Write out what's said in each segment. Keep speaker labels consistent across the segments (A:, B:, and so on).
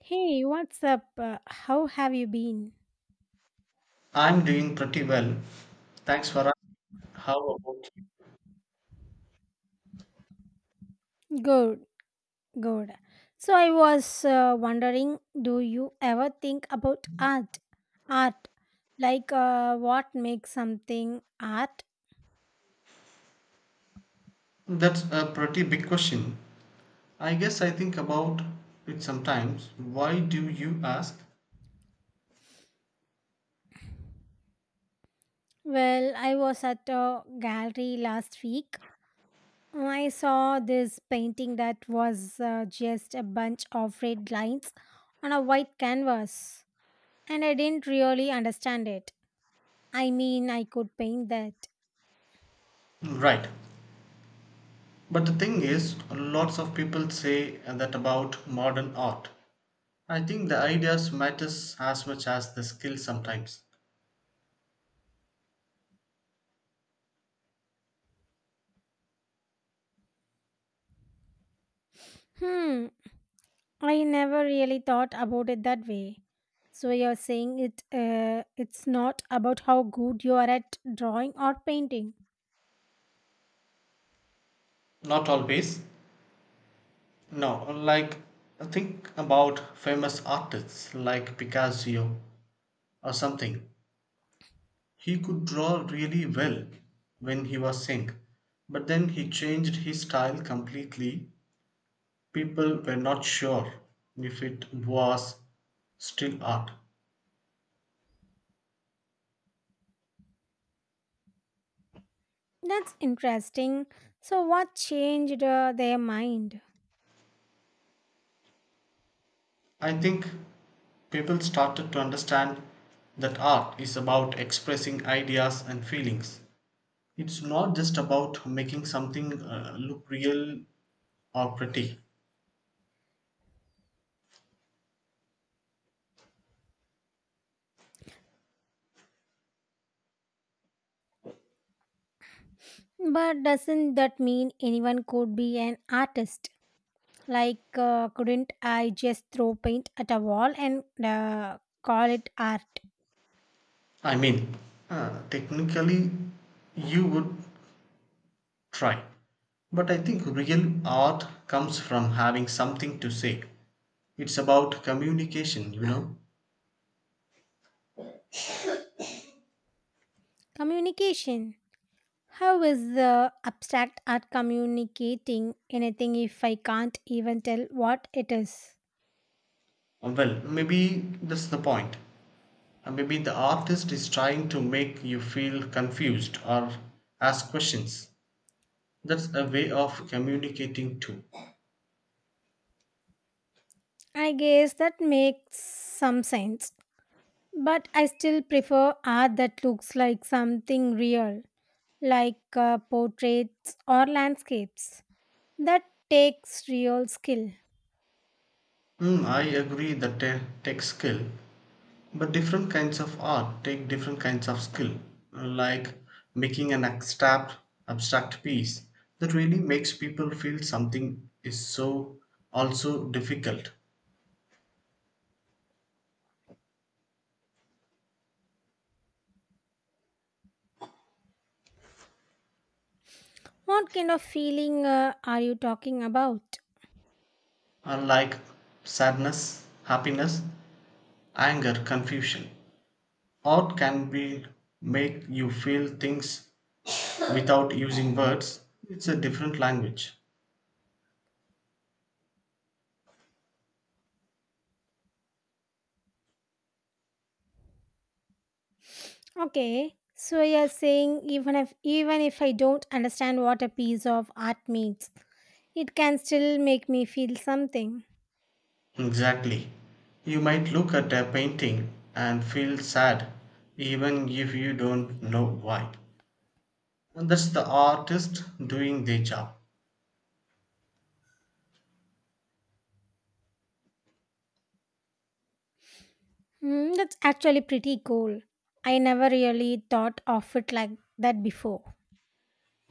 A: Hey, what's up? How have you been?
B: I'm doing pretty well. Thanks for asking. How about
A: Good, good. So I was wondering, do you ever think about art? Art, like what makes something art?
B: you? That's a pretty big question. I guess I think about it sometimes. Why do you ask?
A: Well, I was at a gallery last week. I saw this painting that was just a bunch of red lines on a white canvas, and I didn't really understand it. I mean, I could paint that.
B: Right. But the thing is, lots of people say that about modern art. I think the ideas matters as much as the skill sometimes.
A: Hmm, I never really thought about it that way. So you're saying it's not about how good you are at drawing or painting.
B: Not always. No, like think about famous artists like Picasso or something. He could draw really well when he was young, but then he changed his style completely. People were not sure if it was still art.
A: That's interesting. So what changed their mind?
B: I think people started to understand that art is about expressing ideas and feelings. It's not just about making something look real or pretty.
A: But doesn't that mean anyone could be an artist? Like couldn't I just throw paint at a wall and call it art?
B: I mean, technically, you would try. But I think real art comes from having something to say. It's about communication.
A: Communication. How is the abstract art communicating anything if I can't even tell what it is?
B: Well, maybe that's the point. Maybe the artist is trying to make you feel confused or ask questions. That's a way of communicating too.
A: I guess that makes some sense. But I still prefer art that looks like something real, like portraits or landscapes. That takes real skill.
B: Mm, I agree that a tech skill, but different kinds of art take different kinds of skill, like making an abstract piece that really makes people feel something is so also difficult,
A: What kind of feeling are you talking about?
B: unlike sadness, happiness, anger, confusion. Art can be make you feel things without using words. It's a different language.
A: Okay, so you're saying even if I don't understand what a piece of art means, it can still make me feel something.
B: Exactly. You might look at a painting and feel sad even if you don't know why. And that's the artist doing their job.
A: Hmm, that's actually pretty cool. I never really thought of it like that before.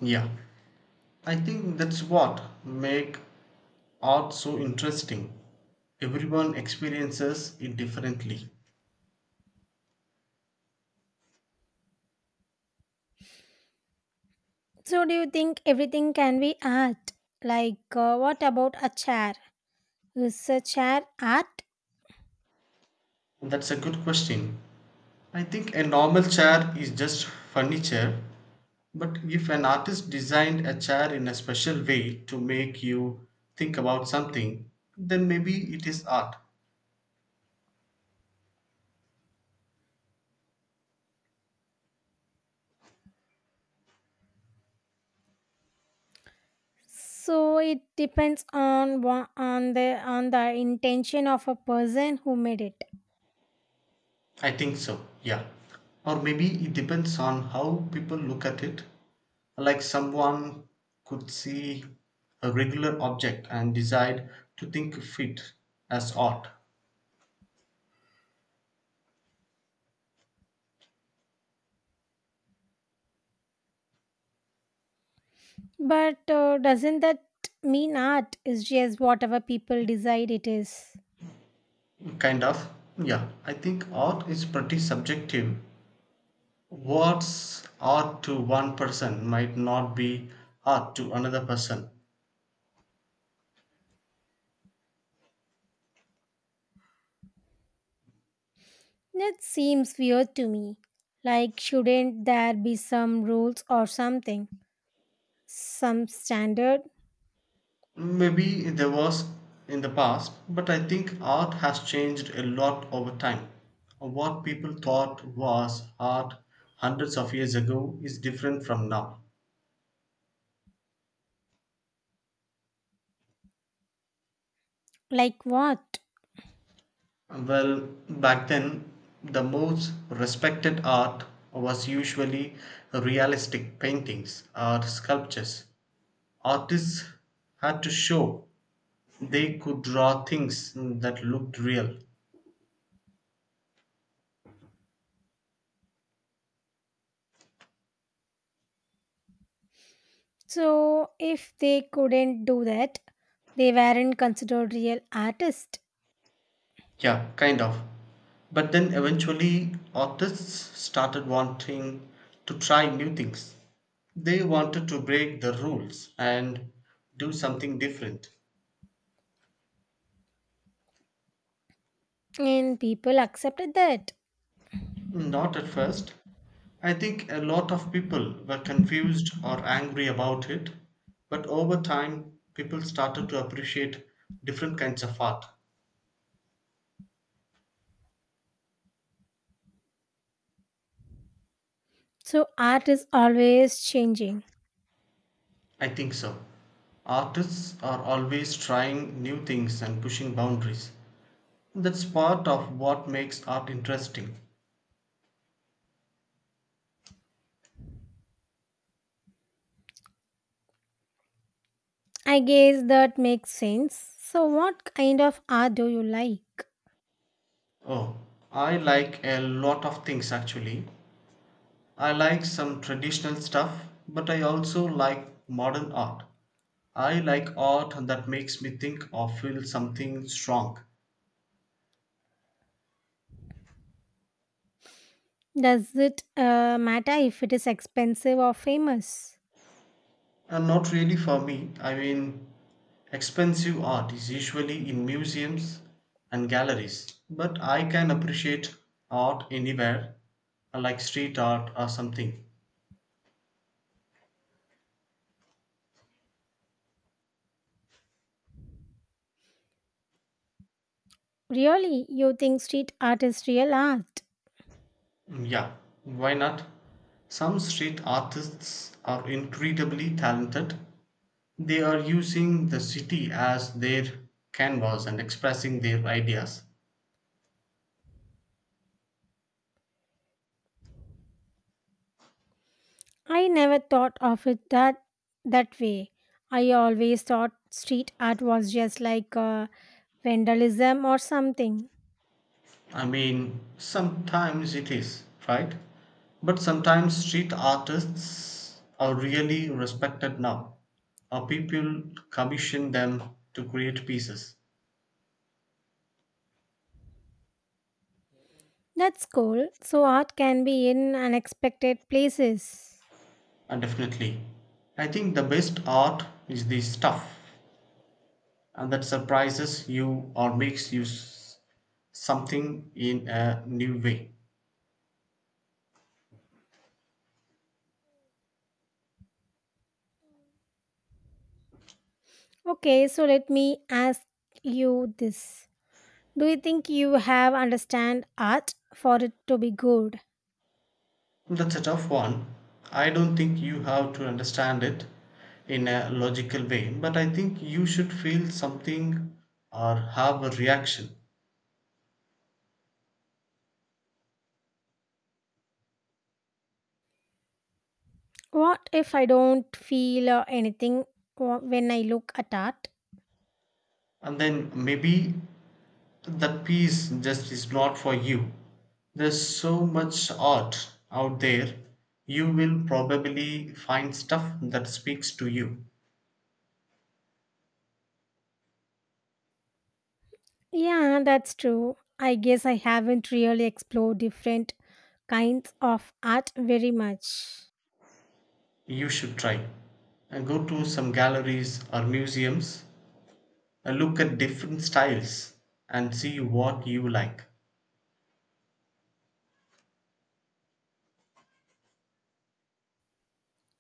B: Yeah. I think that's what make art so interesting. Everyone experiences it differently.
A: So do you think everything can be art? Like what about a chair? Is a chair art?
B: That's a good question. I think a normal chair is just furniture. But if an artist designed a chair in a special way to make you think about something, then maybe it is art.
A: So it depends on on the intention of a person who made it.
B: I think so, yeah. Or maybe it depends on how people look at it. Like someone could see a regular object and decide to think of it as art.
A: But doesn't that mean art is just whatever people decide it is?
B: Kind of, yeah. I think art is pretty subjective. What's art to one person might not be art to another person.
A: That seems weird to me. Like, shouldn't there be some rules or something? Some standard?
B: Maybe there was in the past, but I think art has changed a lot over time. What people thought was art hundreds of years ago is different from now.
A: Like what?
B: Well, back then, the most respected art was usually realistic paintings or sculptures. Artists had to show they could draw things that looked real.
A: So, if they couldn't do that, they weren't considered real artists,
B: Yeah, kind of. But then eventually, artists started wanting to try new things. They wanted to break the rules and do something different.
A: and people accepted that.
B: Not at first. I think a lot of people were confused or angry about it, but over time, people started to appreciate different kinds of art.
A: So, art is always changing.
B: I think so. Artists are always trying new things and pushing boundaries. That's part of what makes art interesting.
A: I guess that makes sense. So, what kind of art do you like?
B: Oh, I like a lot of things actually. I like some traditional stuff, but I also like modern art. I like art that makes me think or feel something strong.
A: Does it matter if it is expensive or famous?
B: And not really for me. I mean, expensive art is usually in museums and galleries, but I can appreciate art anywhere, like street art or something.
A: Really, you think street art is real art?
B: Yeah, why not? Some street artists are incredibly talented. They are using the city as their canvas and expressing their ideas.
A: I never thought of it that way. I always thought street art was just like vandalism or something.
B: I mean, sometimes it is, right? But sometimes street artists are really respected now. Or people commission them to create pieces.
A: That's cool. So art can be in unexpected places.
B: And definitely, I think the best art is the stuff and that surprises you or makes you something in a new way.
A: Okay, so let me ask you this. Do you think you have understand art for it to be good?
B: That's a tough one. I don't think you have to understand it in a logical way, but I think you should feel something or have a reaction.
A: What if I don't feel anything when I look at art?
B: And then maybe that piece just is not for you. There's so much art out there, you will probably find stuff that speaks to you.
A: Yeah, that's true. I guess I haven't really explored different kinds of art very much.
B: You should try. Go to some galleries or museums, look at different styles, and see what you like.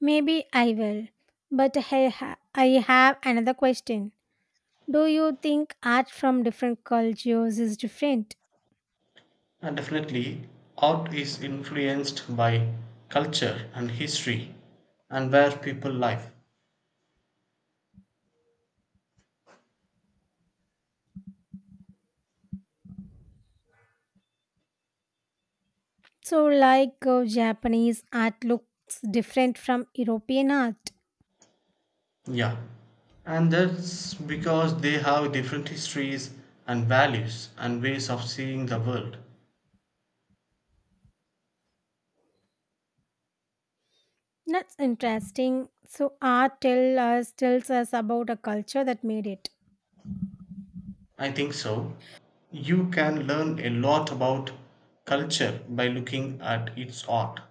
A: Maybe I will. But I have another question. Do you think art from different cultures is different?
B: And definitely, art is influenced by culture and history and where people live.
A: So, like Japanese art looks different from European art.
B: Yeah, and that's because they have different histories and values and ways of seeing the world.
A: That's interesting. So, tells us about a culture that made it.
B: I think so. You can learn a lot about culture by looking at its art.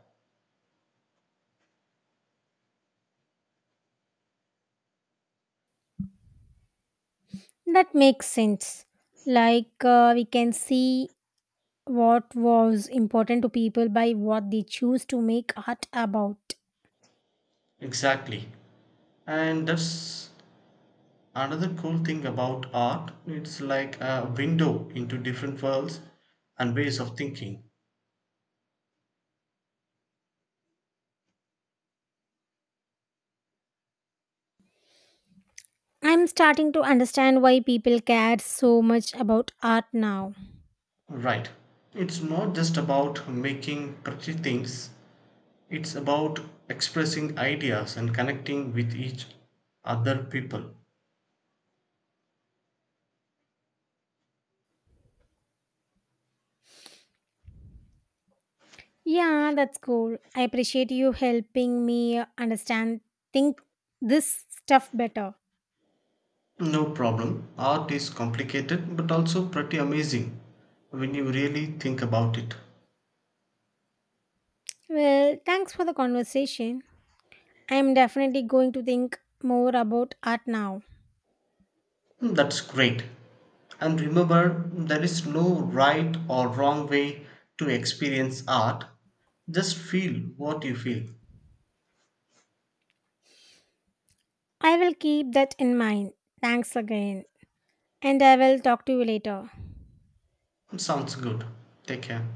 A: That makes sense. Like we can see what was important to people by what they choose to make art about.
B: Exactly. And that's another cool thing about art. It's like a window into different worlds and ways of thinking.
A: I'm starting to understand why people care so much about art now.
B: Right. It's not just about making pretty things, it's about expressing ideas and connecting with each other people.
A: Yeah, that's cool. I appreciate you helping me understand think this stuff better.
B: No problem. Art is complicated but also pretty amazing when you really think about it.
A: Well, thanks for the conversation. I'm definitely going to think more about art now.
B: Hmm, that's great. And remember, there is no right or wrong way to experience art. Just feel what you feel.
A: I will keep that in mind. Thanks again. And I will talk to you later.
B: Sounds good. Take care.